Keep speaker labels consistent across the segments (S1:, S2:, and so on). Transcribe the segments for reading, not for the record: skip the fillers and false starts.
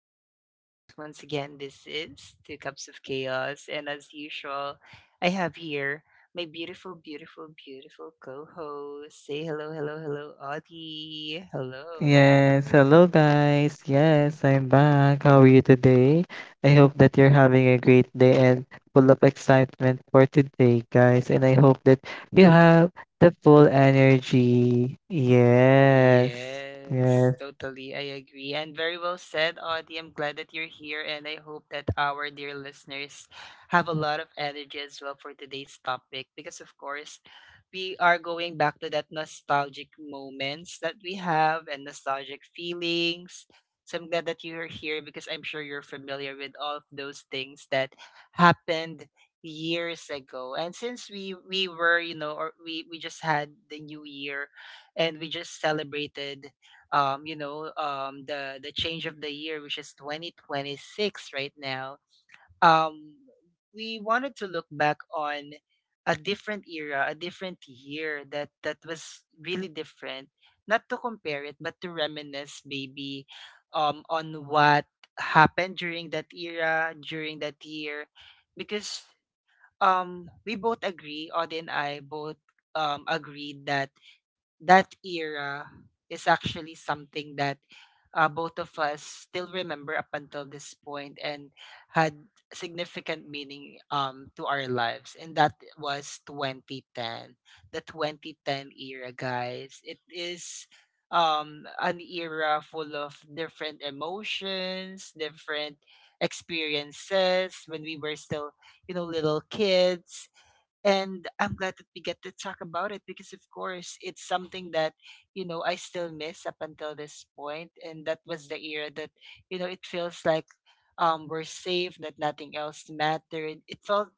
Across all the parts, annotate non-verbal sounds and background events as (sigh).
S1: our podcast. Once again, this is Two Cups of Chaos, and as usual, I have here my beautiful co host. Say hello, Audie. Hello.
S2: Yes, hello guys. Yes, I'm back. How are you today? I hope that you're having a great day and full of excitement for today, guys. And I hope that you have the full energy. Yes,
S1: Yes,
S2: yes,
S1: totally. I agree. And very well said, Audie. I'm glad that you're here. And I hope that our dear listeners have a lot of energy as well for today's topic. Because, of course, we are going back to that nostalgic moments that we have and nostalgic feelings. So I'm glad that you're here because I'm sure you're familiar with all of those things that happened years ago. And since we were, you know, or we just had the new year and we just celebrated you know the change of the year, which is 2026 right now. um we wanted to look back on a different era, a different year, that was really different. Not to compare it, but to reminisce maybe on what happened during that era, during that year, because we both agree, Audie and I both agreed that that era is actually something that both of us still remember up until this point and had significant meaning to our lives. And that was 2010. The 2010 era, guys. It is, an era full of different emotions, different experiences when we were still, you know, little kids. And I'm glad that we get to talk about it because, of course, it's something that, you know, I still miss up until this point. And that was the era that, you know, it feels like, we're safe, that nothing else mattered. It felt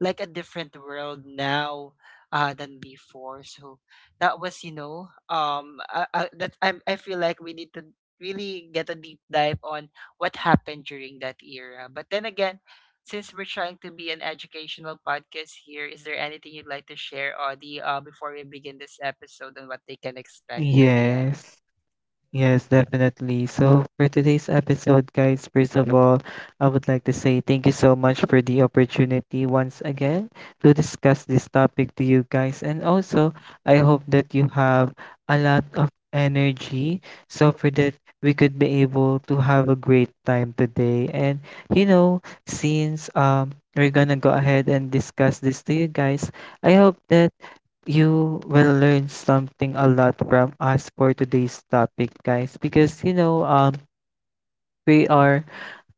S1: like a different world now, than before. So that was, you know, I, that I feel like we need to really get a deep dive on what happened during that era. But then again, since we're trying to be an educational podcast here, is there anything you'd like to share, Audie, before we begin this episode, and what they can expect by the end?
S2: yes. Yes, definitely. So, for today's episode, guys, first of all, I would like to say thank you so much for the opportunity once again to discuss this topic to you guys. And also, I hope that you have a lot of energy so for that we could be able to have a great time today. And you know, since we're gonna go ahead and discuss this to you guys, I hope that you will learn something a lot from us for today's topic, guys. Because you know, we are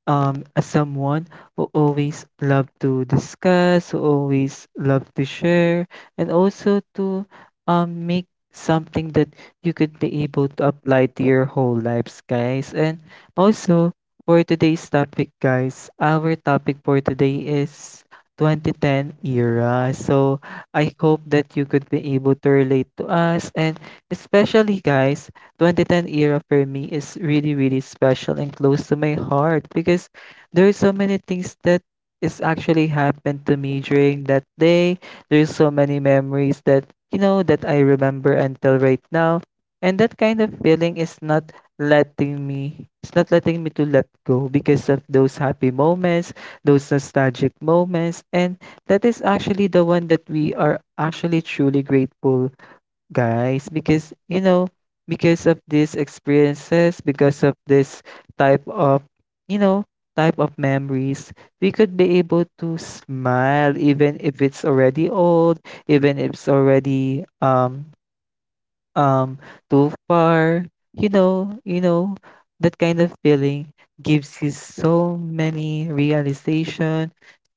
S2: as someone who always love to discuss, who always love to share, and also to make something that you could be able to apply to your whole lives, guys. And also, for today's topic, guys, our topic for today is 2010 era. So, I hope that you could be able to relate to us, and especially guys, 2010 era for me is really, really special and close to my heart because there's so many things that is actually happened to me during that day. There's so many memories that, you know, that I remember until right now. And that kind of feeling is not letting me, it's not letting me to let go because of those happy moments, those nostalgic moments. And that is actually the one that we are actually truly grateful, guys, because you know, because of these experiences, because of this type of, you know, type of memories, we could be able to smile even if it's already old, even if it's already um too far. You know, that kind of feeling gives you so many realization,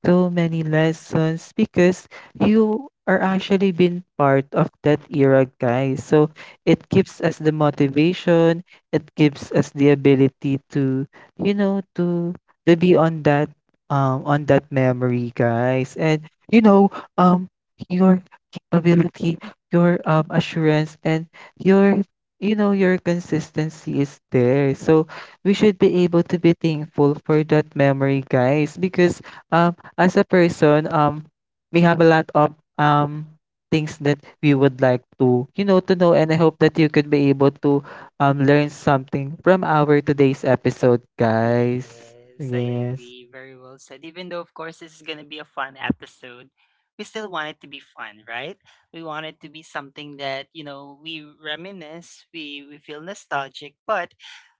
S2: so many lessons, because you are actually been part of that era, guys. So it gives us the motivation, it gives us the ability to, you know, to be on that, on that memory, guys. And you know, um your capability, your assurance, and your, you know, your consistency is there. So we should be able to be thankful for that memory, guys, because um as a person, we have a lot of um things that we would like to, you know, to know. And I hope that you could be able to learn something from our today's episode, guys.
S1: Yes, I
S2: Yes.
S1: agree. Very well said. Even though, of course, this is going to be a fun episode, we still want it to be fun, right? We want it to be something that, you know, we reminisce, we feel nostalgic, but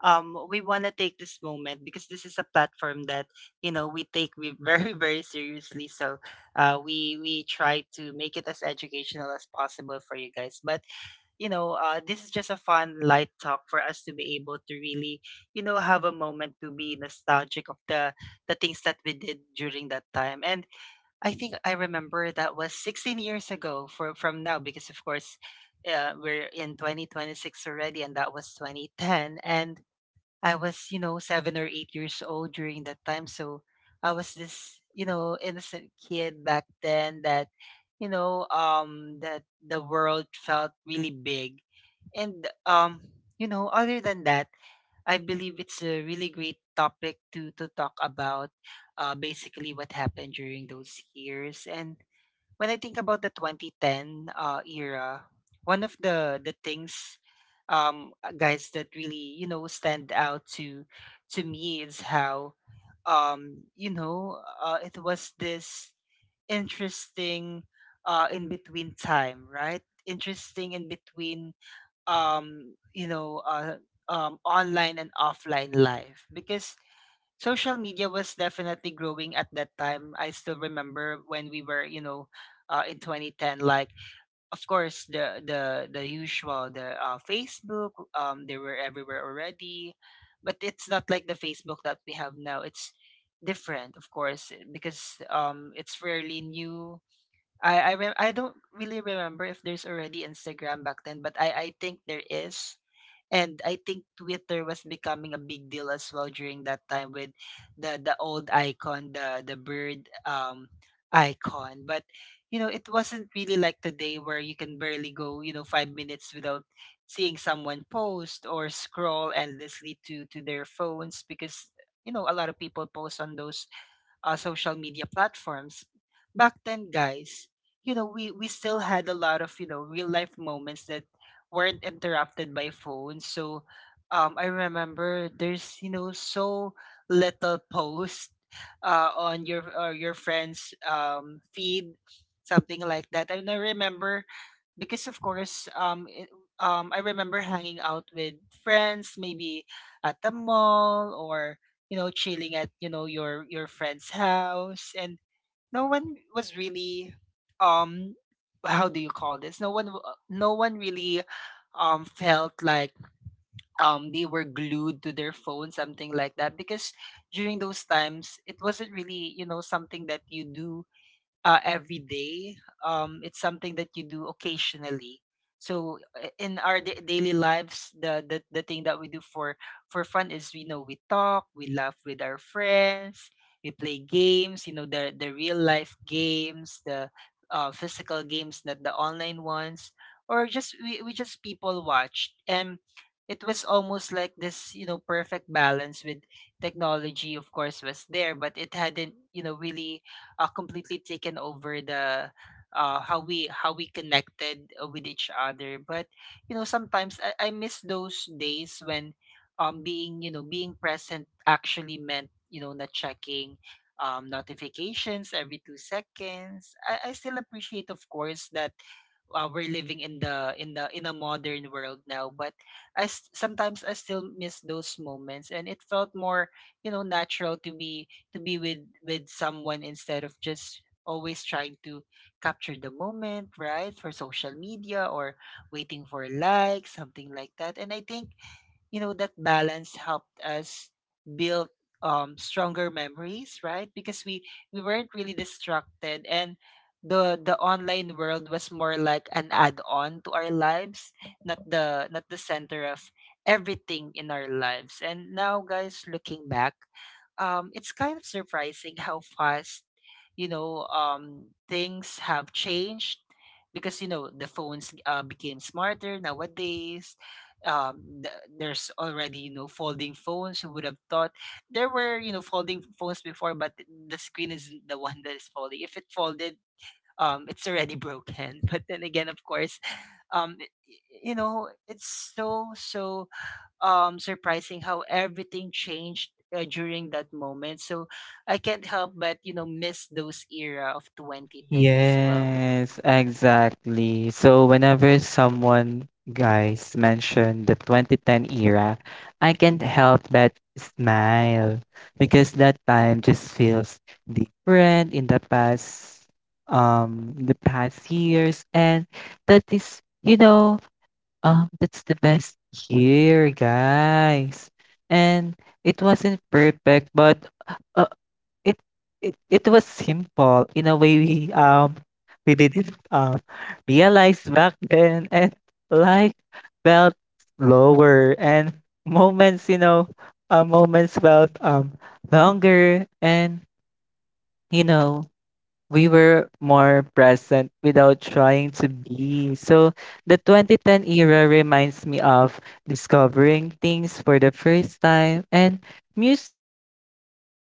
S1: we want to take this moment because this is a platform that, you know, we take we (laughs) very, very seriously. So we try to make it as educational as possible for you guys. But you know, this is just a fun, light talk for us to be able to really, you know, have a moment to be nostalgic of the things that we did during that time. And I think I remember that was 16 years ago for from now because of course, we're in 2026 already, and that was 2010. And I was, you know, seven or eight years old during that time. So I was this, you know, innocent kid back then that, you know, that the world felt really big. And, you know, other than that, I believe it's a really great topic to talk about basically what happened during those years. And when I think about the 2010 era, one of the things, guys, that really, you know, stand out to me is how, it was this interesting in between time, right? Interesting in between um you know uh online and offline life, because social media was definitely growing at that time. I still remember when we were, you know, in 2010, like of course the usual, the Facebook, they were everywhere already, but it's not like the Facebook that we have now. It's different, of course, eh, because it's fairly new. I don't really remember if there's already Instagram back then, but I think there is, and I think Twitter was becoming a big deal as well during that time with the old icon, the bird icon. But you know, it wasn't really like today where you can barely go, you know, five minutes without seeing someone post or scroll endlessly to their phones, because you know a lot of people post on those social media platforms. Back then, guys, you know, we still had a lot of, you know, real life moments that weren't interrupted by phones. So I remember there's, you know, so little post on your or your friend's feed, something like that. And I don't remember because of course I remember hanging out with friends maybe at the mall, or you know, chilling at, you know, your friend's house, and no one was really, um how do you call this, no one, no one really felt like they were glued to their phone, something like that, because during those times it wasn't really, you know, something that you do every day. It's something that you do occasionally. So in our daily lives, the thing that we do for fun is, you know, we talk, we laugh with our friends, we play games. You know, the real life games, the physical games, not the online ones, or just we just people watched and. It was almost like this, you know, perfect balance with technology. Of course, was there, but it hadn't, you know, really completely taken over the, how we connected with each other. But you know, sometimes I miss those days when being, you know, being present actually meant, you know, not checking notifications every two seconds. I still appreciate, of course, that we're living in the in the in a modern world now, but sometimes I still miss those moments, and it felt more, you know, natural to be, with someone, instead of just always trying to capture the moment, right, for social media, or waiting for likes, something like that. And I think, you know, that balance helped us build stronger memories, right, because we weren't really distracted, and the online world was more like an add-on to our lives, not the, center of everything in our lives. And now guys, looking back, it's kind of surprising how fast, you know, things have changed, because you know, the phones became smarter nowadays. There's already, you know, folding phones. Who would have thought there were, you know, folding phones before? But the screen is the one that is folding. If it folded, it's already broken (laughs) but then again, of course, you know, it's so surprising how everything changed during that moment. So I can't help but, you know, miss those era of 2010 as well.
S2: Yes, exactly. So whenever someone, guys, mention the 2010 era, I can't help but smile because that time just feels different in the past, the past years. And that is, you know, that's the best year, guys. And it wasn't perfect, but uh, it it was simple in a way we didn't realize back then. And life felt slower, and moments, you know, moments felt longer. And you know, we were more present without trying to be. So the 2010 era reminds me of discovering things for the first time, and music felt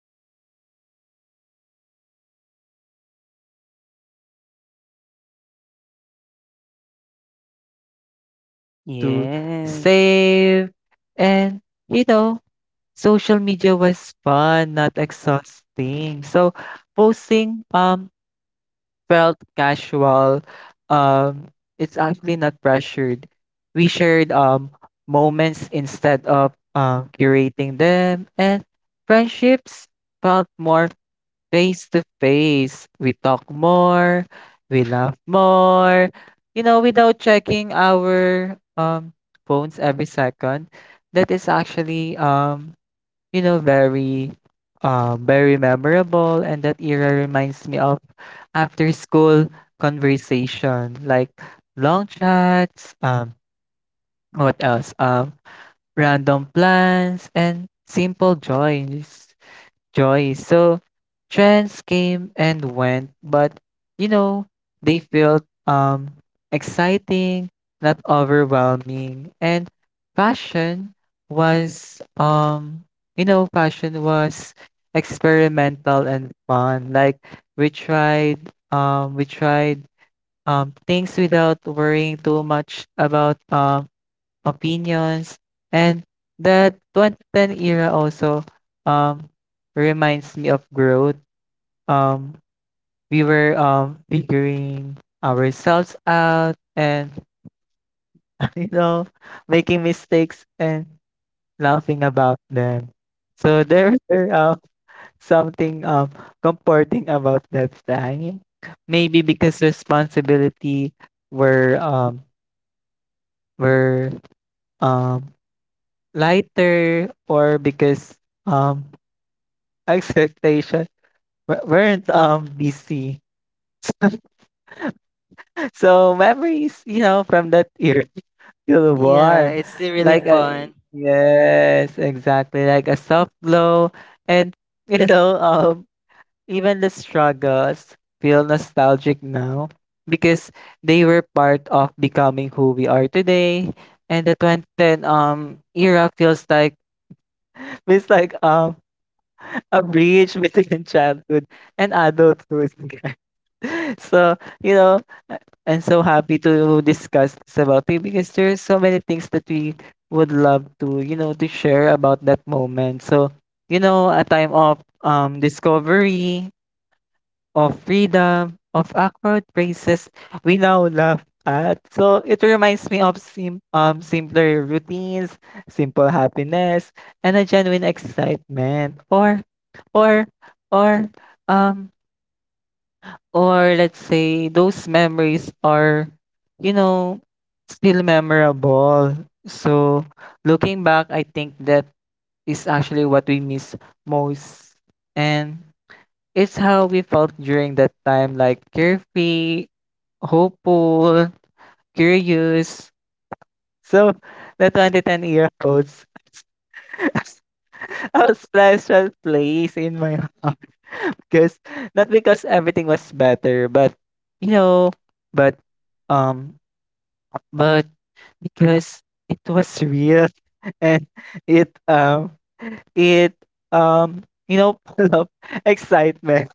S2: personal. Like you waited for songs, you you actually love to
S1: Yes,
S2: save, and you know, social media was fun, not exhausting. So posting felt casual. Um, it's actually not pressured. We shared moments instead of curating them, and friendships felt more face to face. We talk more, we laugh more, you know, without checking our, phones every second. That is actually, you know, very very memorable. And that era reminds me of after school conversation, like long chats, what else, random plans and simple joys, joy. So trends came and went, but you know, they felt exciting, not overwhelming. And fashion was you know, fashion was experimental and fun. Like we tried things without worrying too much about opinions. And that 2010 era also, um, reminds me of growth. Um, we were figuring ourselves out, and, (laughs) you know, making mistakes and laughing about them. So there (laughs) were something comforting about that time. Maybe because responsibility were um, were um, lighter, or because um (laughs) expectation weren't busy. So memories, you know, from that era feel
S1: yeah,
S2: warm.
S1: it's still really
S2: Like a,
S1: fun.
S2: yes, exactly. Like a soft glow. And you know, even the struggles feel nostalgic now, because they were part of becoming who we are today. And the 2010 era feels like a bridge (laughs) between childhood and adulthood. (laughs) So, you know, I- I'm so happy to discuss this about it because there's so many things that we would love to, you know, to share about that moment. So, you know, a time of discovery, of freedom, of awkward phrases we now laugh at. So it reminds me of simpler routines, simple happiness, and a genuine excitement. Or, or, um, or let's say those memories are, you know, still memorable. So looking back, I think that is actually what we miss most. And it's how we felt during that time, like carefree, hopeful, curious. So, the 2010 year olds (laughs) a special place in my heart. Because, not because everything was better, but, you know, but, um, but because it was real (laughs) and it, um, it, um, you know, (laughs) full of excitement.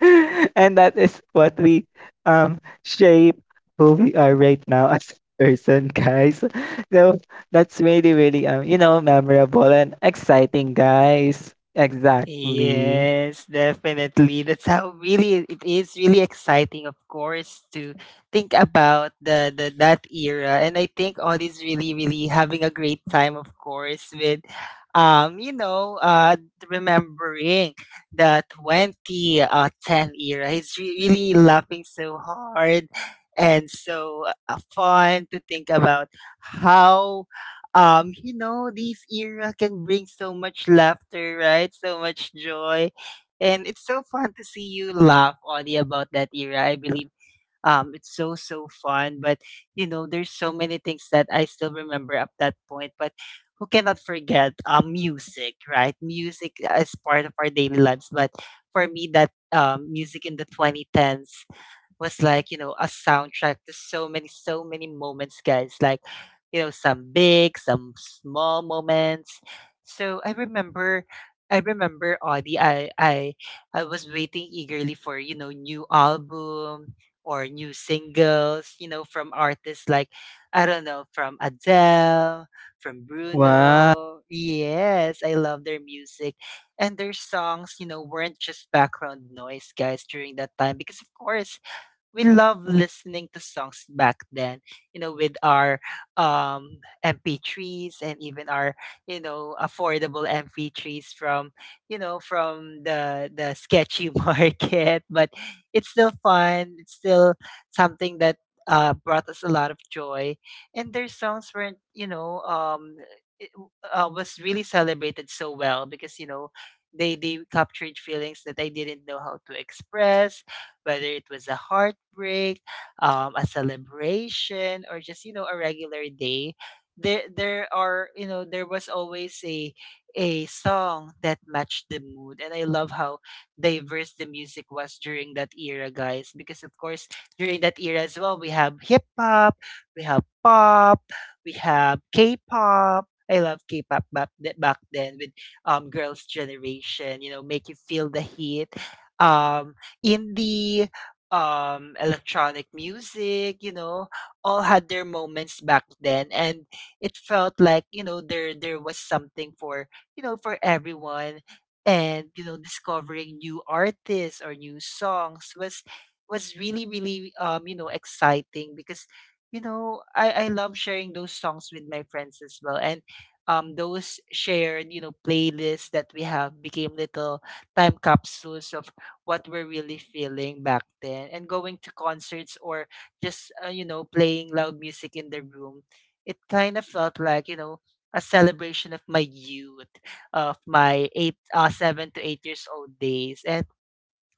S2: (laughs) And that is what we shape who we are right now (laughs) as a person, guys. So that's really, really, you know, memorable and exciting, guys. Exactly.
S1: Yes, definitely. That's how really it is really exciting, of course, to think about the that era. And I think all is really, really having a great time, of course, with, you know, remembering the 20 ten era. It's really laughing so hard, and so fun to think about how, you know, this era can bring so much laughter, right? So much joy. And it's so fun to see you laugh, Audie, about that era. I believe it's so fun. But, you know, there's so many things that I still remember up that point. But who cannot forget music, right? Music is part of our daily lives. But for me, that, music in the 2010s was like, you know, a soundtrack to so many, so many moments, guys. Like, you know, some big, some small moments. So I remember, Audie, I was waiting eagerly for, you know, new album or new singles, you know, from artists like, I don't know, from Adele, from
S2: Wow.
S1: Bruno. Yes, I love their music. And their songs, you know, weren't just background noise, guys, during that time. Because, of course, we love listening to songs back then, you know, with our, um, MP3s, and even our, you know, affordable MP3s from, you know, from the sketchy (laughs) market. But it's still fun. It's still something that brought us a lot of joy. And their songs weren't, you know, it, was really celebrated so well, because you know they captured feelings that I didn't know how to express, whether it was a heartbreak, a celebration, or just, you know, a regular day. There are there was always a song that matched the mood, and I love how diverse the music was during that era, guys. Because of course during that era as well, we have hip hop, we have pop, we have K-pop. I love K-pop back then with Girls' Generation. You know, make you feel the heat. Um, indie, electronic music, all had their moments back then, and it felt like there was something for for everyone, and discovering new artists or new songs was really really exciting because I love sharing those songs with my friends as well. And Those shared playlists that we have became little time capsules of what we're really feeling back then, and going to concerts or just playing loud music in the room, it kind of felt like a celebration of my youth, of my eight 7 to 8 years old days. And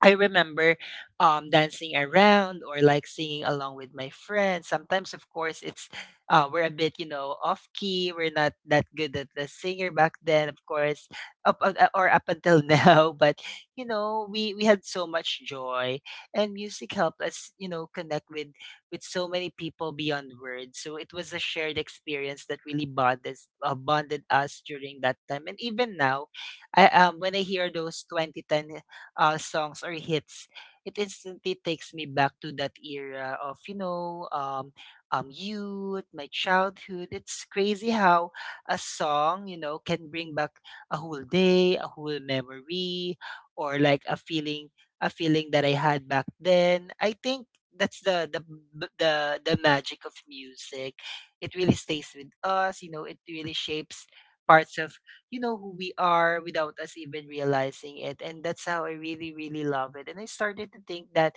S1: I remember dancing around or like singing along with my friends. Sometimes, of course, it's we're a bit, you know, off key. We're not that good at the singer back then, of course, up, up- or up until (laughs) now. But you know, we had so much joy, and music helped us, you know, connect with so many people beyond words. So it was a shared experience that really bonded bonded us during that time, and even now, I when I hear those 2010 songs or hits, it instantly takes me back to that era of youth, my childhood. It's crazy how a song can bring back a whole day, a whole memory, or like a feeling that I had back then. I think that's the b- the magic of music. It really stays with us. You know, it really shapes parts of who we are without us even realizing it, and that's how I really really love it. And I started to think that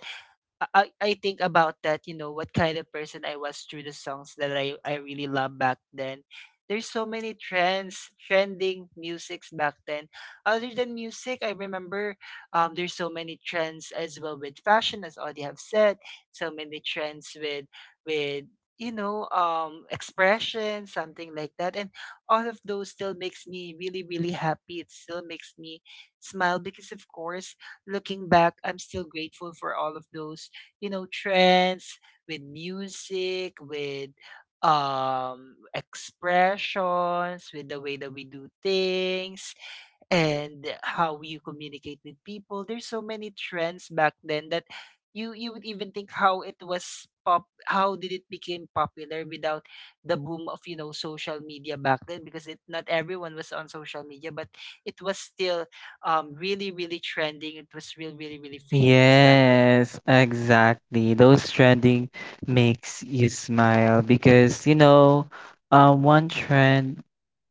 S1: I think about that, you know, what kind of person I was through the songs that I really loved back then. There's so many trends, trending musics back then. Other than music, I remember there's so many trends as well with fashion, as already have said. So many trends with with expression, something like that. And all of those still makes me really really happy. It still makes me smile because of course, looking back, I'm still grateful for all of those, you know, trends, with music, with expressions, with the way that we do things and how you communicate with people. There's so many trends back then that you would even think how it was pop, how did it became popular without the boom of, you know, social media back then, because it not everyone was on social media, but it was still really really trending, it was real really really famous. Yeah, back then.
S2: Yes, exactly. Those trending makes you smile because you know, one trend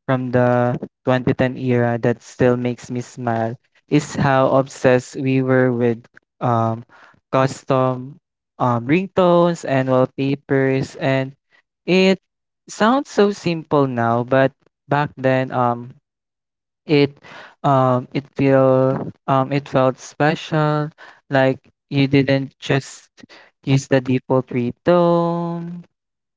S2: from the 2010 era that still makes me smile is how obsessed we were with um, custom, ringtones and wallpapers. And it sounds so simple now, but back then, it it felt special. Like you didn't just use the default ringtone,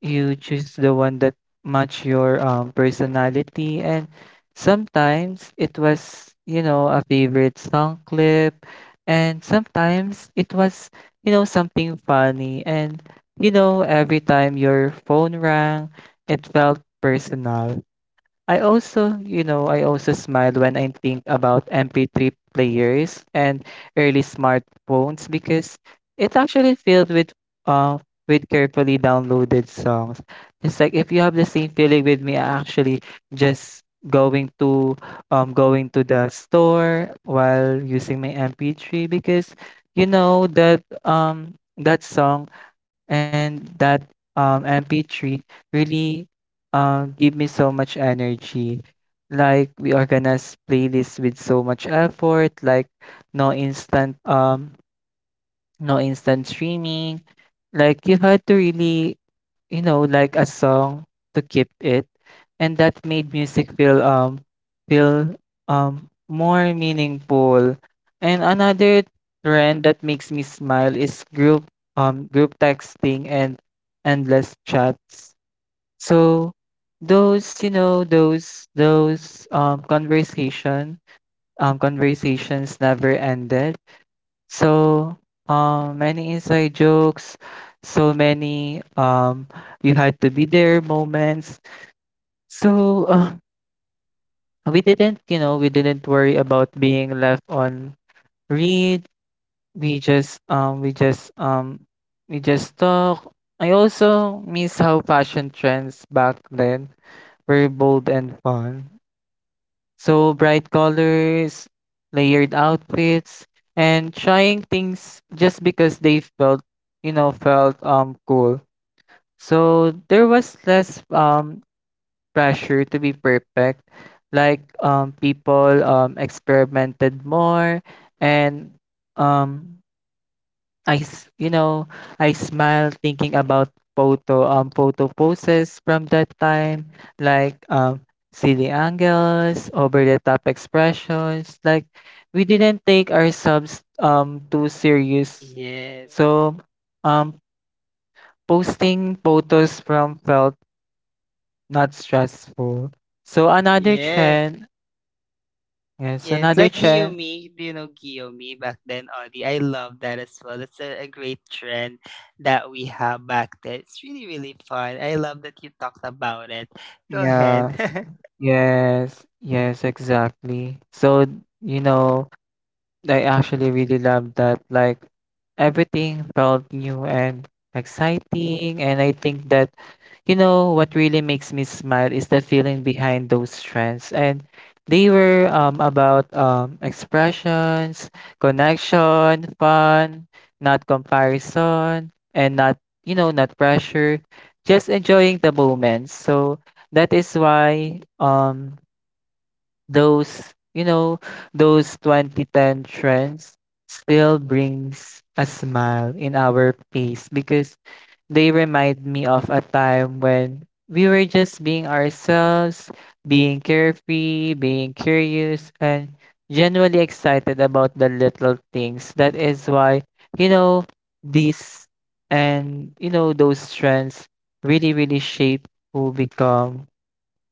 S2: you choose the one that match your, personality. And sometimes it was, you know, a favorite song clip, and sometimes it was, you know, something funny. And you know, every time your phone rang, it felt personal. I also, you know, I also smile when I think about MP3 players and early smartphones because it's actually filled uh with carefully downloaded songs. It's like if you have the same feeling with me, I actually just going to, going to the store while using my MP3, because you know that, that song, and that, MP3 really give me so much energy. Like we organize playlists with so much effort, like no instant um no instant streaming. Like you had to really, you know, like a song to keep it. And that made music feel more meaningful. And another trend that makes me smile is group texting and endless chats. So those, you know, those conversations never ended. So many inside jokes, so many, you had to be there moments. So we didn't worry about being left on read. We just um we just um we just talk. I also miss how fashion trends back then were bold and fun. So bright colors, layered outfits, and trying things just because they felt, you know, felt cool. So there was less pressure to be perfect. Like people experimented more. And um you know, I smile thinking about photo poses from that time, like, silly angles, over the top expressions. Like we didn't take ourselves too serious,
S1: Yes.
S2: so, um, posting photos from felt not stressful. So another
S1: Yes,
S2: trend, yes,
S1: Yes,
S2: another
S1: like
S2: trend,
S1: Giomi, do you know Giomi back then, Audie? I love that as well. That's a great trend that we have back then. It's really, really fun. I love that you talked about it. Go
S2: yeah,
S1: ahead. (laughs)
S2: yes, yes, exactly. So you know, I actually really love that. Like everything felt new and exciting. And I think that, you know, what really makes me smile is the feeling behind those trends. And they were, about, expressions, connection, fun, not comparison, and not, you know, not pressure, just enjoying the moment. So that is why, those you know, those 2010 trends still brings a smile in our face, because they remind me of a time when we were just being ourselves, being carefree, being curious, and genuinely excited about the little things. That is why, you know, these, and you know, those trends really really shape who become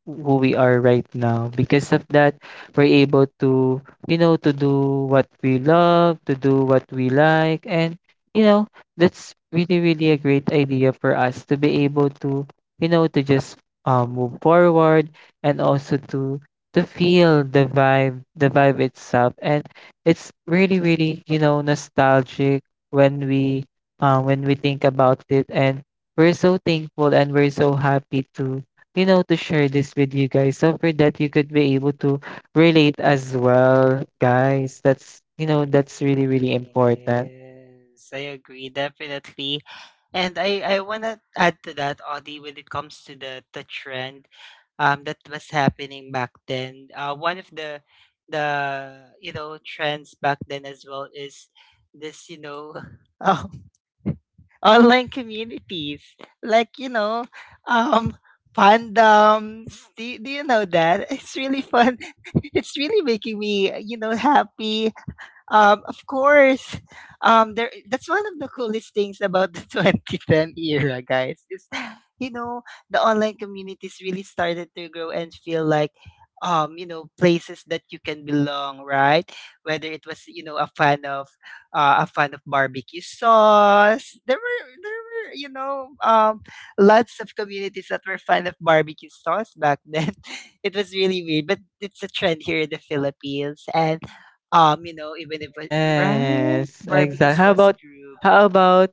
S2: who we are right now. Because of that, we're able to, you know, to do what we love, to do what we like. And, you know, that's really, really a great idea for us to be able to, you know, to just, move forward, and also to feel the vibe itself. And it's really, really, you know, nostalgic when we, when we think about it. And we're so thankful and we're so happy to, you know, to share this with you guys. So for that, you could be able to relate as well, guys. That's really, really important.
S1: Yes, I agree, definitely. And I want to add to that, Audie, when it comes to the trend that was happening back then. One of the you know trends back then as well is this, you know, (laughs) um, online communities, like, you know, um fandoms, do you know that? It's really fun. (laughs) It's really making me, you know, happy. Of course, there. That's one of the coolest things about the (laughs) 2010 era, guys. Is, you know, the online communities really started to grow and feel like, you know, places that you can belong, right? Whether it was, you know, a fan of barbecue sauce. There were, you know, lots of communities that were fan of barbecue sauce back then. (laughs) It was really weird, but it's a trend here in the Philippines, and you know, even if like, right,
S2: Yes,
S1: barbecue
S2: exactly.
S1: sauce group.
S2: How about,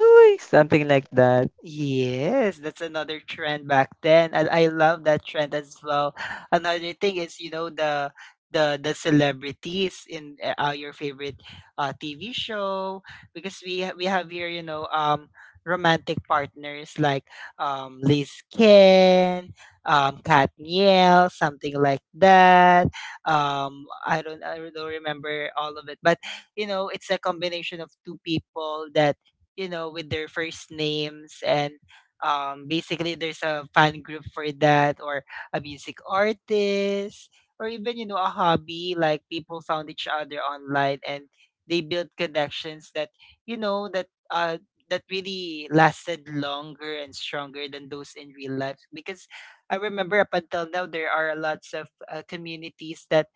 S2: Uy, something like that.
S1: Yes, that's another trend back then, and I love that trend as well. Another thing is, you know, the celebrities in your favorite TV show, because we have here, you know, romantic partners like Liz Ken, Kat Niel, something like that. I don't remember all of it, but you know, it's a combination of two people that, you know, with their first names. And basically there's a fan group for that, or a music artist, or even, you know, a hobby. Like people found each other online and they built connections that, you know that uh that really lasted longer and stronger than those in real life, because I remember up until now there are lots of communities that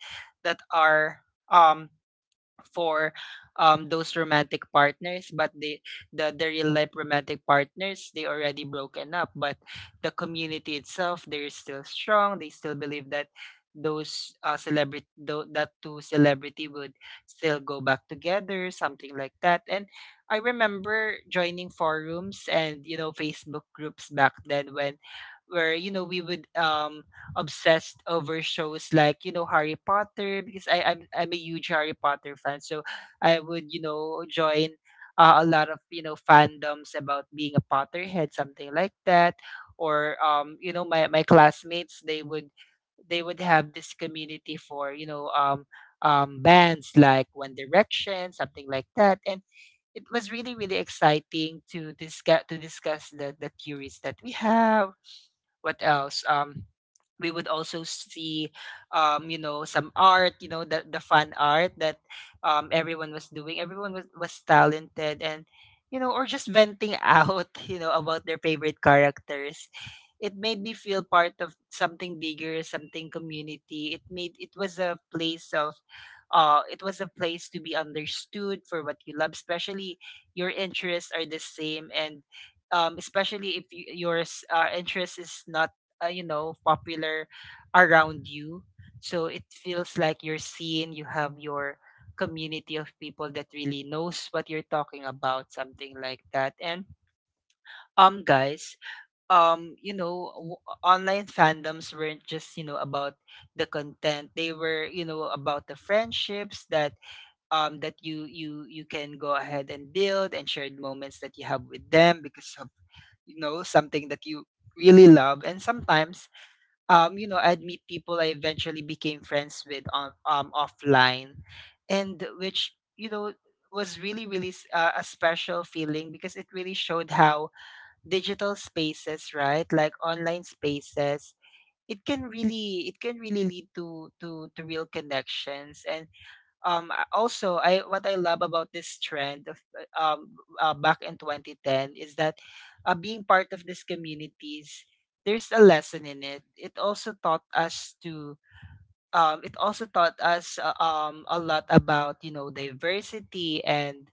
S1: are um for those romantic partners, but the real life romantic partners, they already broken up, but the community itself, they're still strong. They still believe that those celebrity, that two celebrity would still go back together, something like that. And I remember joining forums and, you know, Facebook groups back then, when where, you know, we would obsessed over shows like, you know, Harry Potter, because I'm a huge Harry Potter fan. So I would, you know, join a lot of, you know, fandoms about being a Potterhead, something like that. Or you know, my classmates, they would have this community for, you know, bands like One Direction, something like that. And it was really really exciting to discuss the theories that we have. What else? We would also see, you know, some art, you know, the fun art that everyone was doing. Everyone was, talented, and, you know, or just venting out, (laughs) you know, about their favorite characters. It made me feel part of something bigger, something community. It was a place of, it was a place to be understood for what you love, especially your interests are the same, and especially if yours interest is not you know, popular around you. So it feels like you're seen, you have your community of people that really knows what you're talking about, something like that. And guys, you know, online fandoms weren't just, you know, about the content. They were, you know, about the friendships that that you can go ahead and build, and shared moments that you have with them because of, you know, something that you really love. And sometimes, you know, I'd meet people I eventually became friends with on offline, and which, you know, was really really a special feeling, because it really showed how digital spaces, right, like online spaces, it can really lead to real connections. And also, I, what I love about this trend of back in 2010 is that, being part of these communities, there's a lesson in it. It also taught us to it also taught us a lot about, you know, diversity and,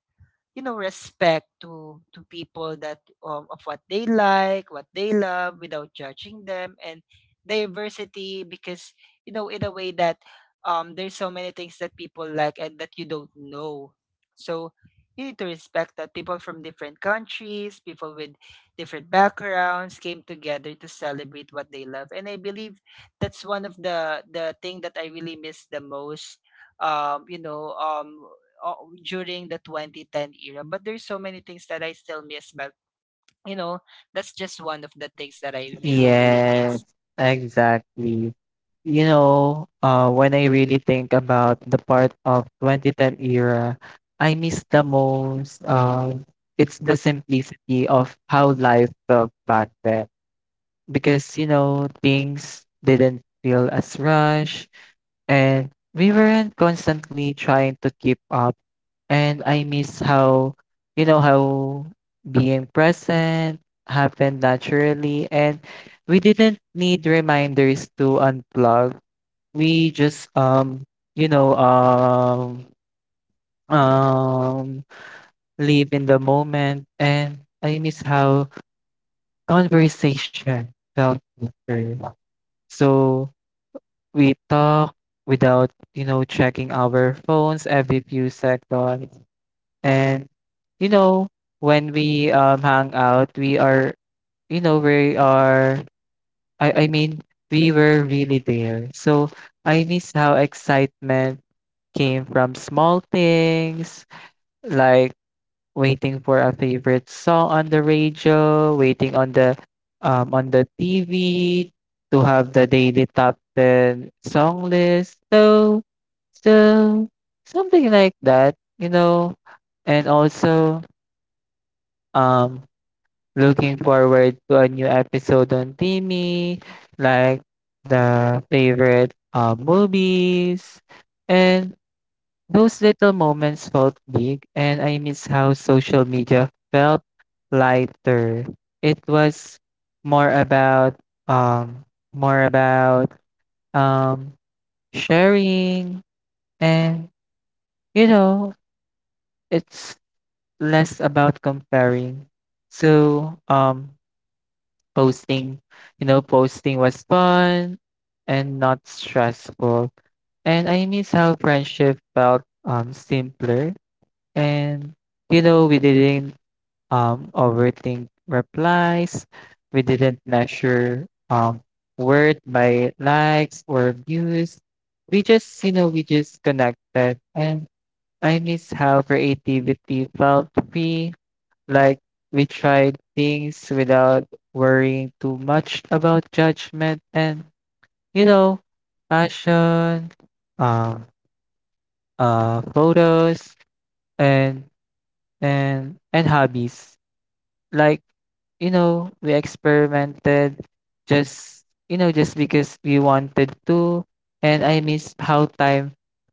S1: you know, respect to people that of what they like, what they love, without judging them, and diversity, because, you know, in a way that there's so many things that people like and that you don't know. So you need to respect that people from different countries, people with different backgrounds came together to celebrate what they love. And I believe that's one of the thing that I really miss the most, um you know um uh, during the 2010 era. But there's so many things that I still miss. But you know, that's just one of the things that I really, really
S2: Yes,
S1: miss.
S2: exactly. You know, when I really think about the part of 2010 era, I miss the most. It's the simplicity of how life felt back then, because you know things didn't feel as rushed and we weren't constantly trying to keep up. And I miss how, you know, how being present happened naturally, and we didn't need reminders to unplug. We just you know um um live in the moment. And I miss how conversation felt natural. So we talk without, you know, checking our phones every few seconds. And, you know, when we hang out, we are, you know, we are, I mean, we were really there. So I miss how excitement came from small things like waiting for a favorite song on the radio, waiting on the TV to have the daily top 10 song list. So so something like that, you know. And also um looking forward to a new episode on Timmy, like the favorite movies, and those little moments felt big. And I miss how social media felt lighter. It was more about um more about um sharing, and you know, it's less about comparing. So posting, you know, posting was fun and not stressful. And I miss how friendship felt simpler. And you know, we didn't overthink replies. We didn't measure worth by likes or views. We just, you know, we just connected. And I miss how creativity felt free. Like we tried things without worrying too much about judgment, and you know, fashion, um, photos, and and hobbies. Like you know, we experimented just, you know, just because we wanted to. And I miss how time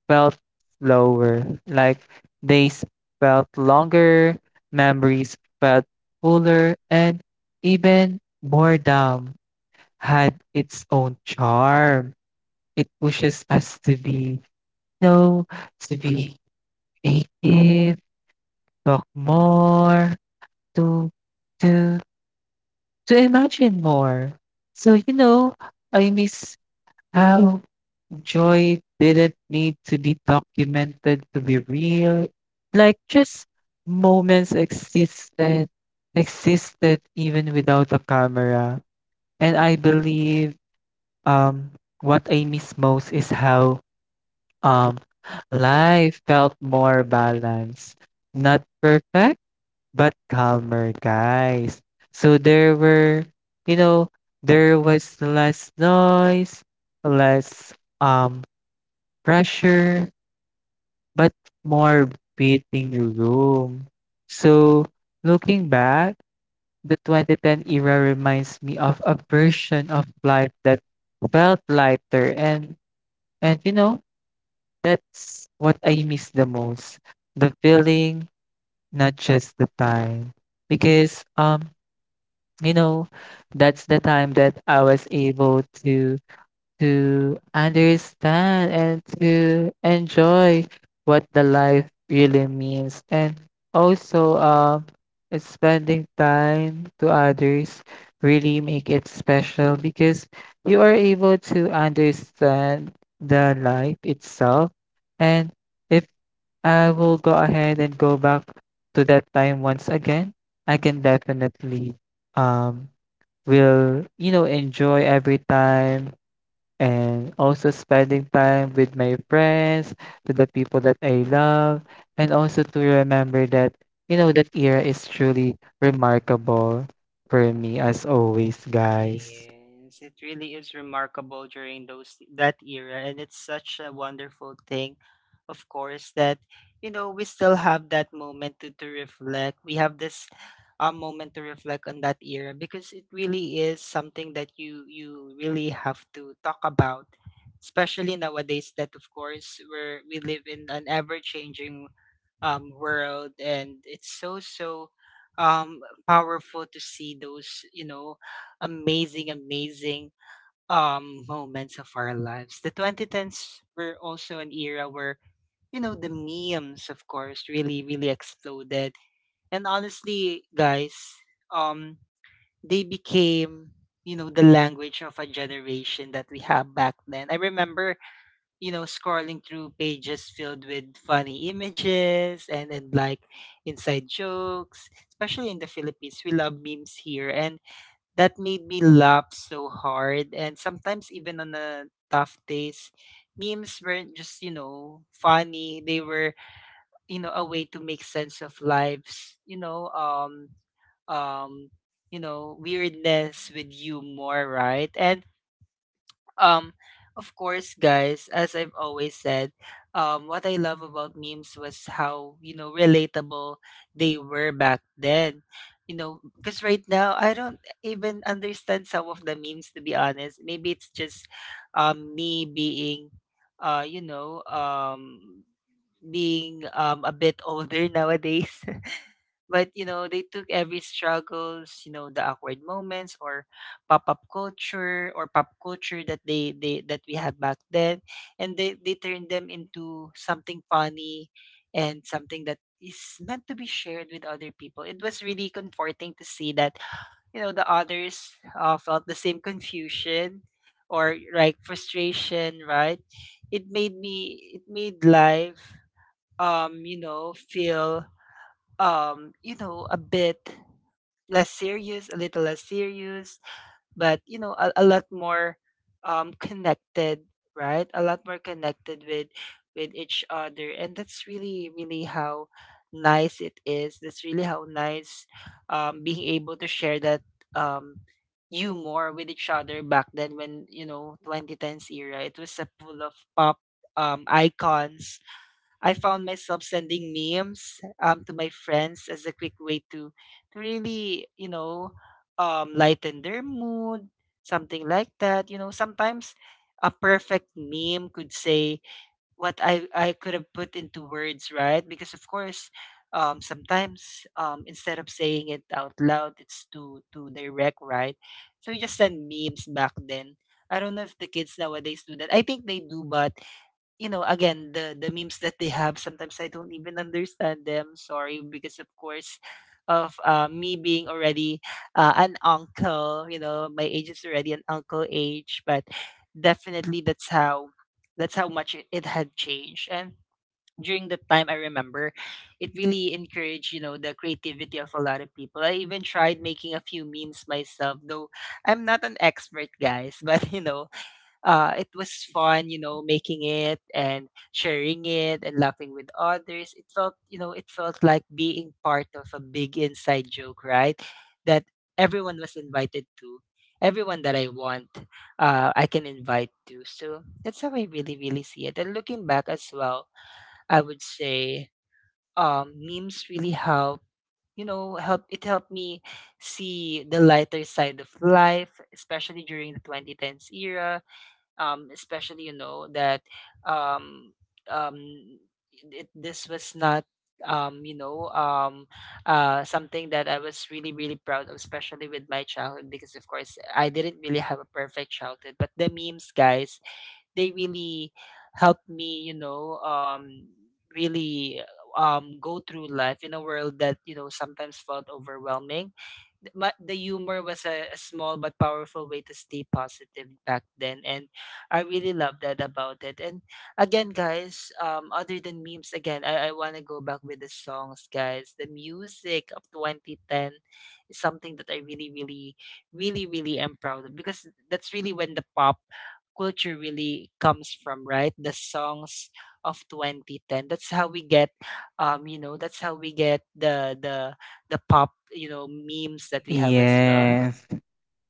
S2: felt slower. Like days felt longer, memories felt fuller, and even boredom had its own charm. It pushes us to be, you know, to be creative, talk more, to to to imagine more. So, you know, I miss how joy didn't need to be documented to be real. Like just moments existed existed even without a camera. And I believe um what I miss most is how um life felt more balanced. Not perfect, but calmer, guys. So there were, you know, there was less noise, less um pressure, but more breathing room. So looking back, the 2010 era reminds me of a version of life that felt lighter, and you know, that's what I miss the most. The feeling, not just the time. Because you know, that's the time that I was able to understand and to enjoy what the life really means. And also spending time to others really make it special, because you are able to understand the life itself. And if I will go ahead and go back to that time once again, I can definitely um will, you know, enjoy every time, and also spending time with my friends, to the people that I love, and also to remember that, you know, that era is truly remarkable for me as always, guys.
S1: Yes, it really is remarkable during those that era, and it's such a wonderful thing. Of course, that, you know, we still have that moment to, reflect. We have this moment to reflect on that era, because it really is something that you really have to talk about, especially nowadays. That of course we live in an ever changing world, and it's so um, powerful to see those amazing moments of our lives. The 2010s were also an era where, you know, the memes, of course, really exploded. And honestly, guys, um they became, you know, the language of a generation that we have. Back then, I remember, you know, scrolling through pages filled with funny images and then, like, inside jokes, especially in the Philippines. We love memes here. And that made me laugh so hard. And sometimes, even on the tough days, memes weren't just, funny. They were, a way to make sense of lives, um, weirdness with humor, right? And um, of course, guys, as I've always said, what I love about memes was how, you know, relatable they were back then. You know, because right now I don't even understand some of the memes, to be honest. Maybe it's just me being uh, you know, um being a bit older nowadays. (laughs) But you know, they took every struggles, you know, the awkward moments or pop-up culture or pop culture that they that we had back then, and they turned them into something funny and something that is meant to be shared with other people. It was really comforting to see that, you know, the others felt the same confusion or, like, frustration, right? It made life feel a bit less serious, a little less serious, but, you know, a lot more connected, right? A lot more connected with each other. And that's really how nice it is. That's really how nice being able to share that um you more with each other back then, when, you know, 2010s era, it was a pool of pop icons. I found myself sending memes to my friends as a quick way to really, you know, lighten their mood, something like that. You know, sometimes a perfect meme could say what I could have put into words, right? Because of course, sometimes instead of saying it out loud, it's too direct, right? So you just send memes back then. I don't know if the kids nowadays do that. I think they do, but, you know, again, the memes that they have, sometimes I don't even understand them. Sorry, because of course, of me being already an uncle, you know, my age is already an uncle age. But definitely that's how much it had changed. And during the time, I remember it really encouraged, you know, the creativity of a lot of people. I even tried making a few memes myself, though I'm not an expert, guys. (laughs) But you know, it was fun, you know, making it and sharing it and laughing with others. It felt, you know, it felt like being part of a big inside joke, right? That everyone was invited to. Everyone that I want, I can invite to. So that's how I really, really see it. And looking back as well, I would say memes really help. You know, help it helped me see the lighter side of life, especially during the 2010s era, especially, you know, that um, um, it, this was not um, you know um, something that I was really really proud of, especially with my childhood, because of course I didn't really have a perfect childhood. But the memes, guys, they really helped me, you know, really go through life in a world that, you know, sometimes felt overwhelming. But the humor was a small but powerful way to stay positive back then. And I really love that about it. And again, guys, other than memes, again, I want to go back with the songs, guys. The music of 2010 is something that I really really am proud of, because that's really when the pop culture really comes from, right? The songs of 2010, that's how we get, you know, that's how we get the the pop, you know, memes that we have as well.
S2: Yes.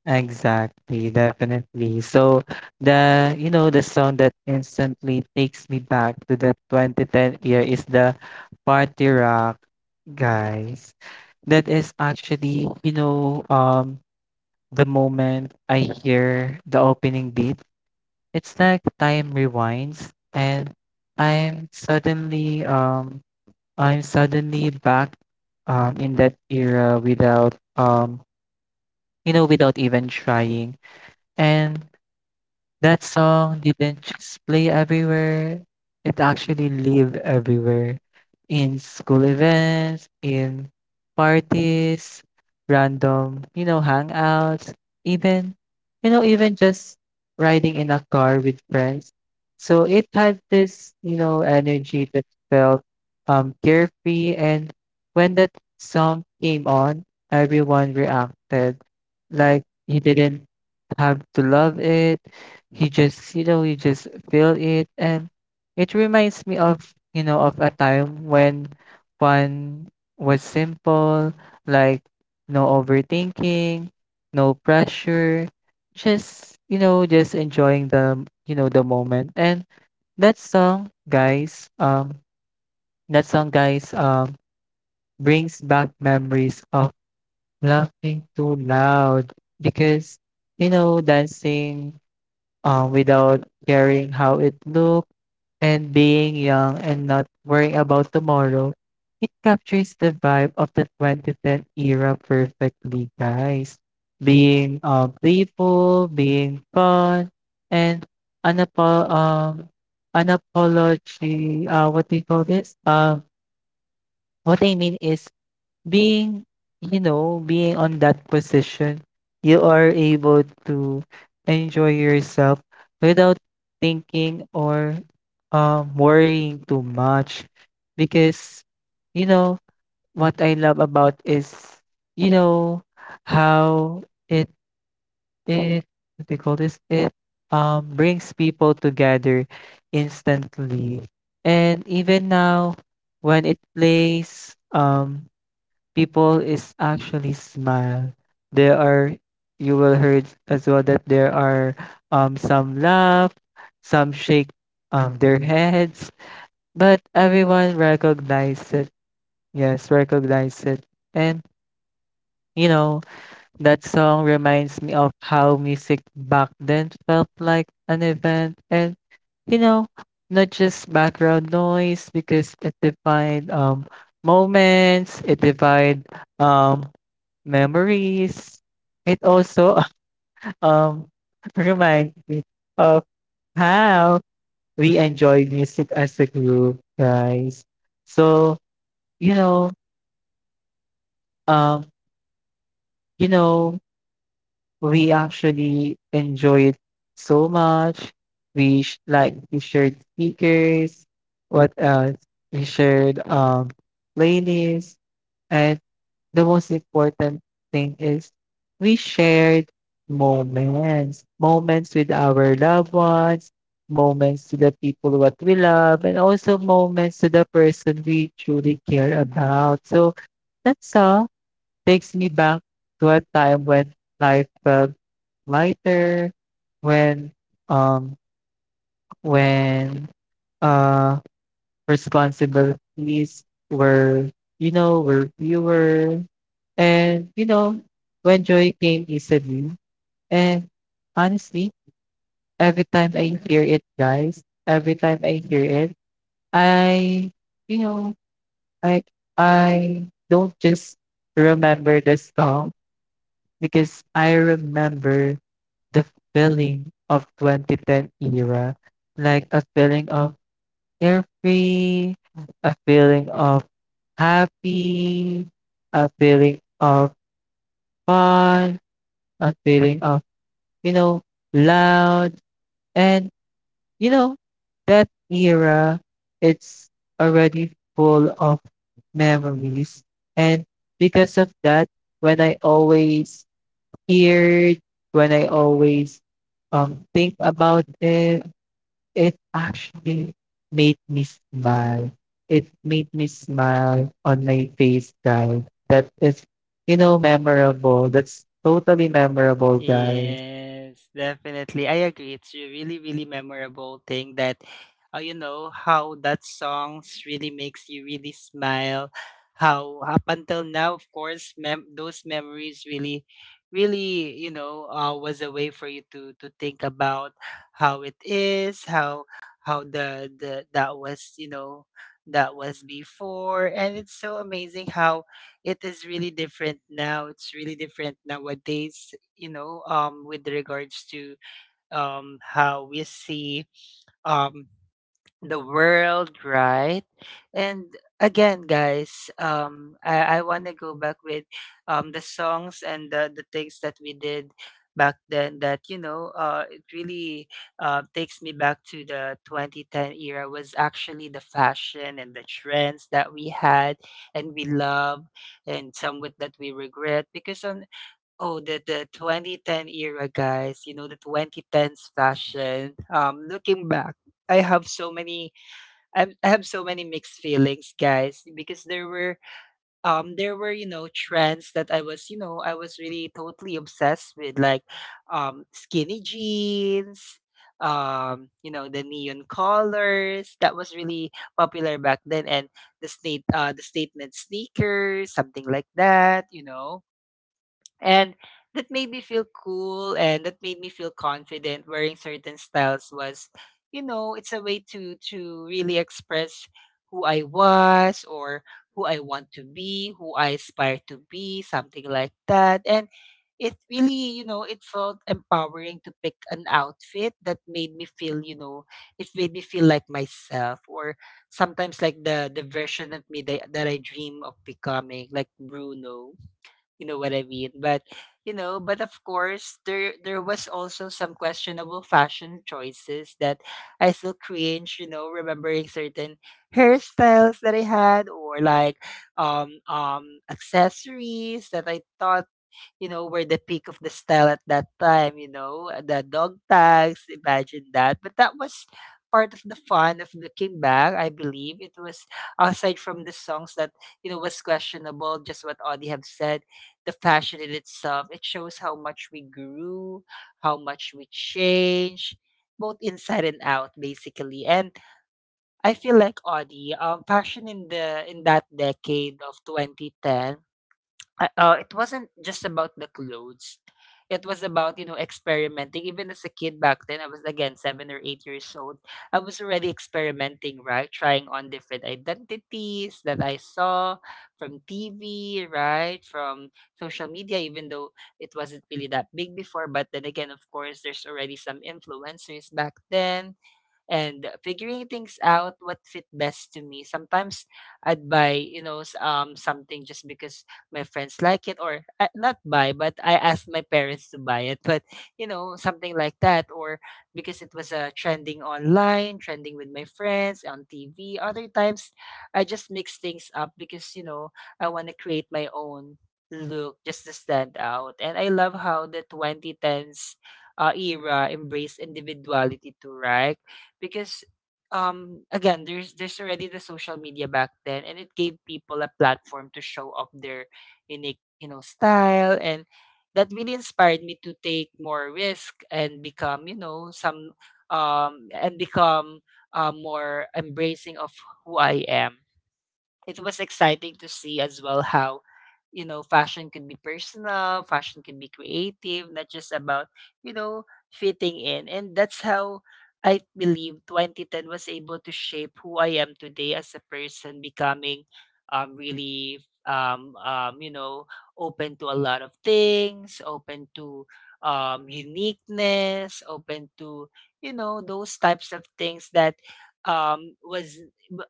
S2: Exactly, definitely. So the, you know, the song that instantly takes me back to the 2010 year is the Party Rock, guys. That is actually, you know, the moment I hear the opening beat, it's like time rewinds and I'm suddenly um I'm suddenly back in that era without you know, without even trying. And that song didn't just play everywhere, it actually lived everywhere. In school events, in parties, random, you know, hangouts, even, you know, even just riding in a car with friends. So it had this, you know, energy that felt carefree. And when that song came on, everyone reacted like you didn't have to love it, you just, you know, you just feel it. And it reminds me of, you know, of a time when one was simple. Like no overthinking, no pressure, just, you know, just enjoying the, you know, the moment. And that song guys um that song, guys, brings back memories of laughing too loud, because you know, dancing without caring how it looked, and being young and not worrying about tomorrow. It captures the vibe of the 2010 era perfectly, guys. Being playful, being fun, and unapo- um, unapology, what do you call this? What I mean is being, you know, being on that position, you are able to enjoy yourself without thinking or worrying too much. Because you know, what I love about is, you know, how it it what do you call this, it brings people together instantly. And even now when it plays, people is actually smile. There are, you will heard as well that there are some laugh, some shake their heads, but everyone recognize it. Yes, recognize it. And you know, that song reminds me of how music back then felt like an event, and you know, not just background noise, because it defined moments, it defined um memories. It also (laughs) um reminds me of how we enjoy music as a group, guys. So, you know, um, you know, we actually enjoy it so much. Like we shared speakers. What else? We shared playlists. And the most important thing is we shared moments, moments with our loved ones, moments to the people what we love, and also moments to the person we truly care about. So that song takes me back to a time when life felt lighter, when um when uh responsibilities were, you know, were fewer. And, you know, when joy came easily. And honestly, every time I hear it, guys, every time I hear it, I, you know, I, I don't just remember the song, because I remember the feeling of 2010 era. Like a feeling of carefree, a feeling of happy, a feeling of fun, a feeling of, you know, loud. And, you know, that era, it's already full of memories. And because of that, when I always hear it, when I always think about it, it actually made me smile. It made me smile on my face, guys. That is, you know, memorable. That's totally memorable, guys.
S1: Yes, definitely. I agree. It's a really, really memorable thing that, you know, how that songs really makes you really smile. How up until now, of course, those memories really, really, you know, was a way for you to think about how it is, how the that was, you know, that was before. And it's so amazing how it is really different now. It's really different nowadays, you know, with regards to how we see um, the world, right? And again, guys, I want to go back with the songs and the things that we did back then. That, you know, it really takes me back to the 2010 era was actually the fashion and the trends that we had and we love, and some with that we regret. Because on, oh, the 2010 era, guys. You know, the 2010s fashion. Looking back, I have so many. I have so many mixed feelings, guys, because there were there were, you know, trends that I was, you know, I was really totally obsessed with, like skinny jeans. You know, the neon colors that was really popular back then, and the statement sneakers, something like that. You know, and that made me feel cool, and that made me feel confident. Wearing certain styles was, you know, it's a way to really express who I was, or who I want to be, who I aspire to be, something like that. And it really, you know, it felt empowering to pick an outfit that made me feel, you know, it made me feel like myself, or sometimes like the version of me that, that I dream of becoming, like Bruno, you know what I mean? But you know, but of course, there was also some questionable fashion choices that I still cringe, you know, remembering certain hairstyles that I had, or like accessories that I thought, you know, were the peak of the style at that time, you know, the dog tags, imagine that. But that was part of the fun of looking back, I believe. It was, aside from the songs that, you know, was questionable, just what Audie have said, the fashion in itself, it shows how much we grew, how much we changed, both inside and out, basically. And I feel like Audie, fashion in the in that decade of 2010, it wasn't just about the clothes. It was about, you know, experimenting. Even as a kid back then, I was again 7 or 8 years old. I was already experimenting, right? Trying on different identities that I saw from TV, right? From social media, even though it wasn't really that big before. But then again, of course, there's already some influencers back then, and figuring things out what fit best to me. Sometimes I'd buy, you know, something just because my friends like it, or not buy, but I asked my parents to buy it. But you know, something like that, or because it was trending online, trending with my friends on TV. Other times, I just mix things up because, you know, I want to create my own look just to stand out. And I love how the 2010s era embraced individuality too, right? Because again, there's already the social media back then, and it gave people a platform to show off their unique, you know, style. And that really inspired me to take more risk and become, you know, some and become more embracing of who I am. It was exciting to see as well how, you know, fashion can be personal, fashion can be creative, not just about, you know, fitting in. And that's how I believe 2010 was able to shape who I am today. As a person, becoming really you know, open to a lot of things, open to uniqueness, open to, you know, those types of things that was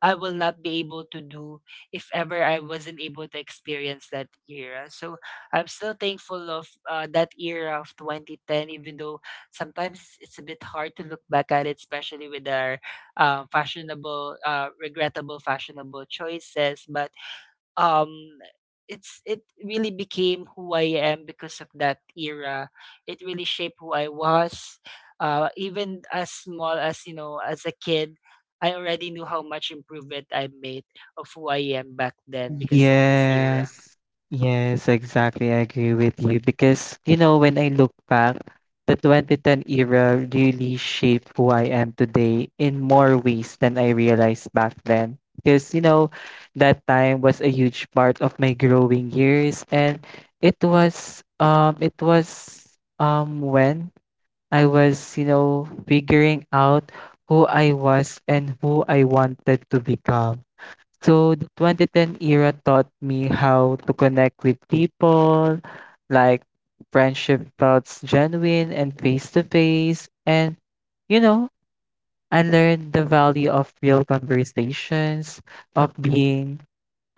S1: I will not be able to do if ever I wasn't able to experience that era. So I'm still thankful of that era of 2010, even though sometimes it's a bit hard to look back at it, especially with our regrettable fashionable choices. But um it's it really became who I am because of that era. It really shaped who I was. Even as small as, you know, as a kid, I already knew how much improvement I made of who I am back then because of this era.
S2: Yes. Yes, exactly. I agree with you, because, you know, when I look back, the 2010 era really shaped who I am today in more ways than I realized back then. Because, you know, that time was a huge part of my growing years, and it was when I was, you know, figuring out who I was and who I wanted to become. So the 2010 era taught me how to connect with people. Like friendship felt genuine and face to face. And, you know, I learned the value of real conversations, of being,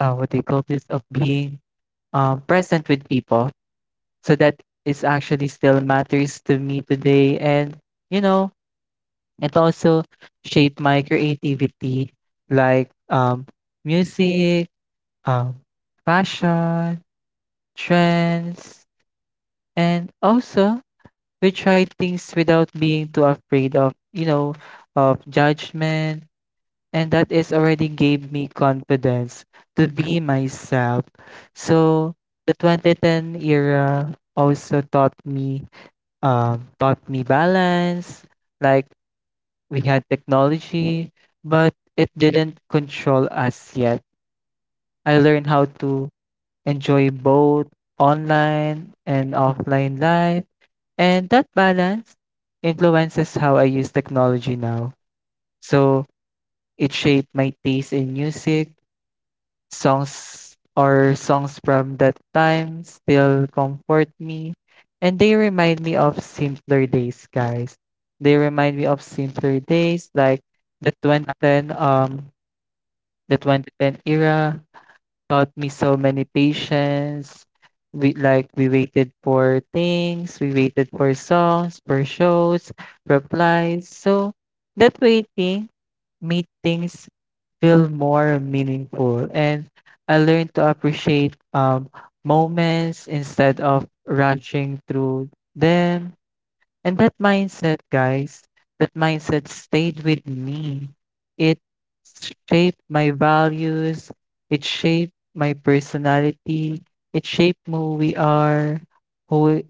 S2: what do you call this, of being present with people. So that is actually still matters to me today. And, you know, it also shaped my creativity. Like music, um, fashion, trends, and also we try things without being too afraid of, you know, of judgment. And that is already gave me confidence to be myself. So the 2010 era also taught me balance. Like we had technology, but it didn't control us yet. I learned how to enjoy both online and offline life. And that balance influences how I use technology now. So it shaped my taste in music, songs from that time still comfort me. And they remind me of simpler days, guys. They remind me of simpler days. Like the 2010 um the 2010 era taught me so many patience. We waited for things, we waited for songs, for shows, replies. So that waiting made things feel more meaningful, and I learned to appreciate moments instead of rushing through them. And that mindset, guys, that mindset stayed with me. It shaped my values, it shaped my personality, it shaped who we are, who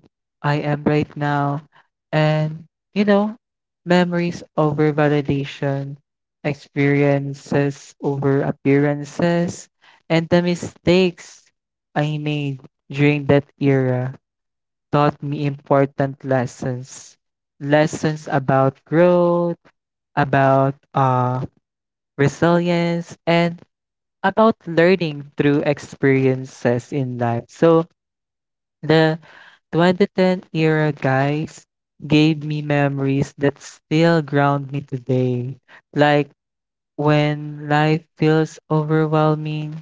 S2: I am right now. And, you know, memories over validation, experiences over appearances, and the mistakes I made during that era taught me important lessons. Lessons about growth, about resilience, and about learning through experiences in life. So the 2010 era, guys, gave me memories that still ground me today. Like when life feels overwhelming,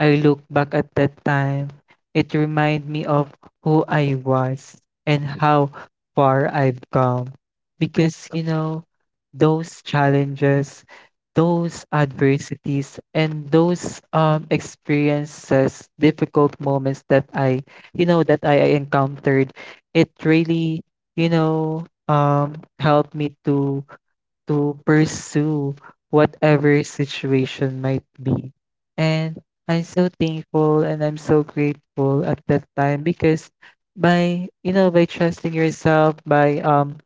S2: I look back at that time. It reminds me of who I was and how far I've come. Because, you know, those challenges, those adversities, and those experiences, difficult moments that that I encountered, it really, you know, helped me to pursue whatever situation might be. And I'm so thankful and I'm so grateful at that time, because by you know, by trusting yourself, by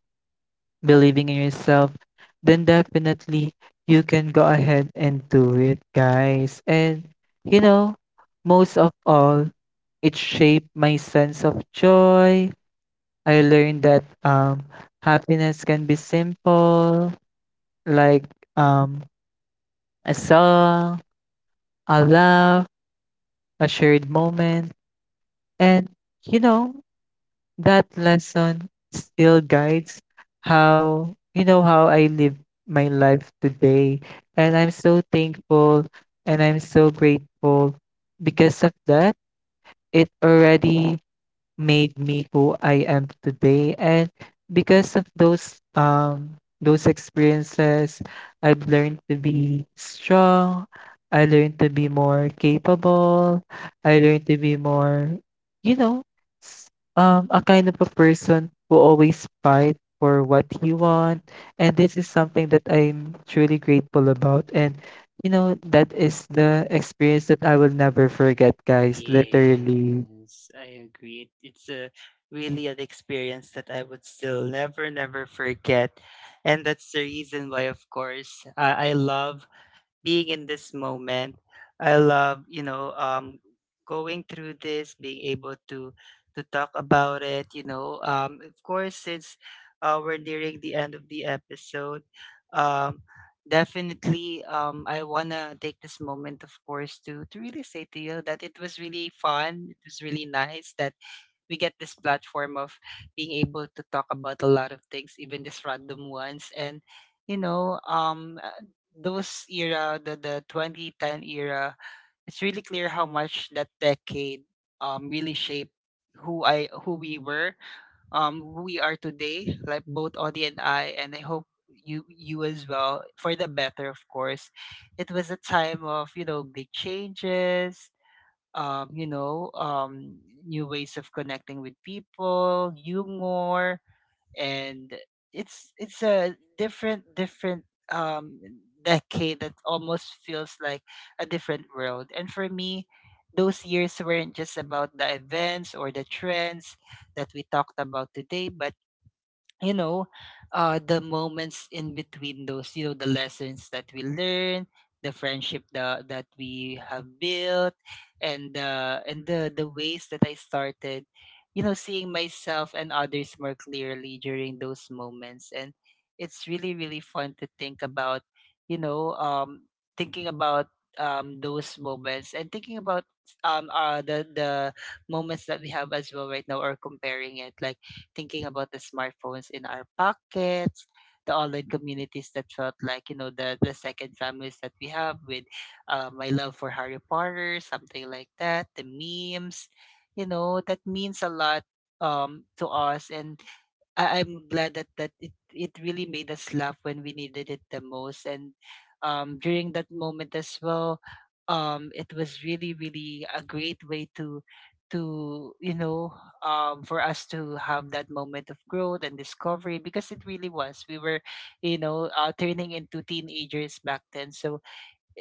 S2: believing in yourself, then definitely you can go ahead and do it, guys. And you know, most of all, it shaped my sense of joy. I learned that happiness can be simple, like um a song, a laugh, a shared moment. And you know, that lesson still guides how, you know, how I live my life today. And I'm so thankful and I'm so grateful because of that. It already made me who I am today. And because of those experiences, I've learned to be strong. I learned to be more capable. I learned to be more, you know, s- a kind of a person who always fight for what you want. And this is something that I'm truly grateful about. And you know, that is the experience that I will never forget, guys. Literally.
S1: Yes, I agree. It's a really an experience that I would still never, never forget. And that's the reason why, of course, I love being in this moment. I love, you know, going through this, being able to talk about it. Of course, since we're nearing the end of the episode, um, definitely, I wanna take this moment, of course, to really say to you that it was really fun. It was really nice that we get this platform of being able to talk about a lot of things, even these random ones. And you know, um, uh, those era, the 2010 era, it's really clear how much that decade really shaped who we were, who we are today. Like both Audie and I hope you as well, for the better, of course. It was a time of, you know, big changes, um, you know, um, new ways of connecting with people, humor, and it's a different um, decade that almost feels like a different world. And for me, those years weren't just about the events or the trends that we talked about today, but, you know, the moments in between those, you know, the lessons that we learn, the friendship that we have built, and the ways that I started, you know, seeing myself and others more clearly during those moments. And it's really really fun to think about, you know, um, thinking about those moments, and thinking about the moments that we have as well right now, or comparing it, like thinking about the smartphones in our pockets, the online communities that felt like, you know, the second families that we have with my love for Harry Potter, something like that, the memes, you know, that means a lot to us. And I'm glad that it really made us laugh when we needed it the most. And during that moment as well, it was really really a great way to for us to have that moment of growth and discovery, because it really was, we were, you know, turning into teenagers back then. So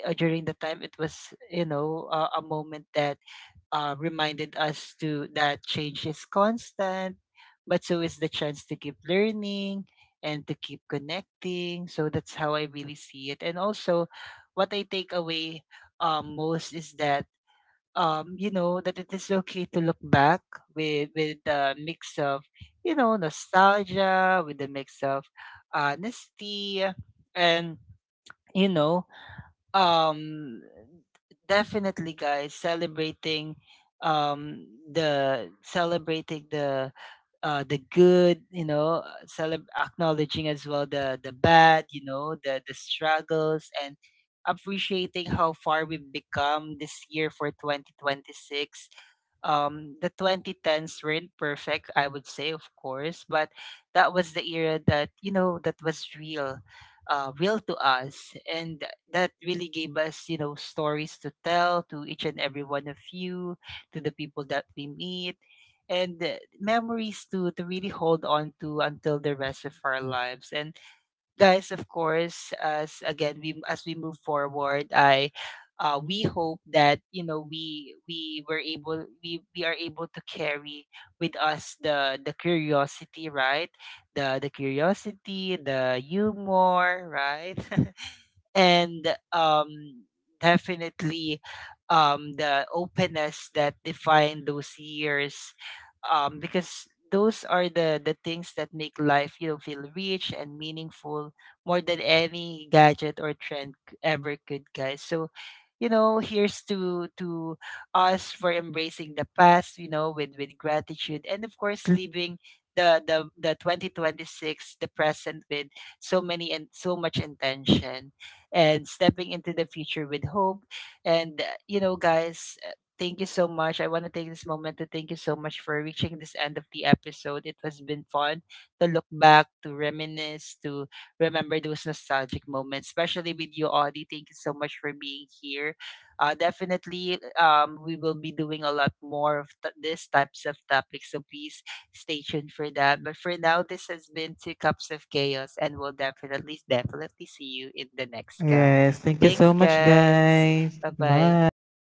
S1: during the time, it was, you know, a moment that reminded us to that change is constant, but so is the chance to keep learning and to keep connecting. So that's how I really see it. And also, what I take away, most is that that it is okay to look back with the mix of, you know, nostalgia, with the mix of honesty, and, you know um, definitely, guys, celebrating the good, you know, acknowledging as well the bad, you know, the struggles, and appreciating how far we've become this year, for 2026. The 2010s weren't perfect, I would say, of course, but that was the era that, you know, that was real, real to us, and that really gave us, you know, stories to tell to each and every one of you, to the people that we meet. And memories to really hold on to until the rest of our lives. And guys, of course, as again, we as we move forward, I we hope that, you know, we are able to carry with us the curiosity, right? The curiosity, the humor, right? (laughs) And um, definitely, the openness that define those years, because those are the things that make life, you know, feel rich and meaningful, more than any gadget or trend ever could, guys. So, you know, here's to us, for embracing the past, you know, with gratitude, and of course leaving the 2026, the present, with so many and so much intention, and stepping into the future with hope. And, you know, guys, thank you so much. I want to take this moment to thank you so much for reaching this end of the episode. It has been fun to look back, to reminisce, to remember those nostalgic moments, especially with you, Audie. Thank you so much for being here. Definitely, we will be doing a lot more of these types of topics. So please stay tuned for that. But for now, this has been Two Cups of Chaos, and we'll definitely see you in the next cup.
S2: Yes, thank you so
S1: Thanks,
S2: much,
S1: guys.
S2: guys.
S1: Bye bye.
S2: Bye.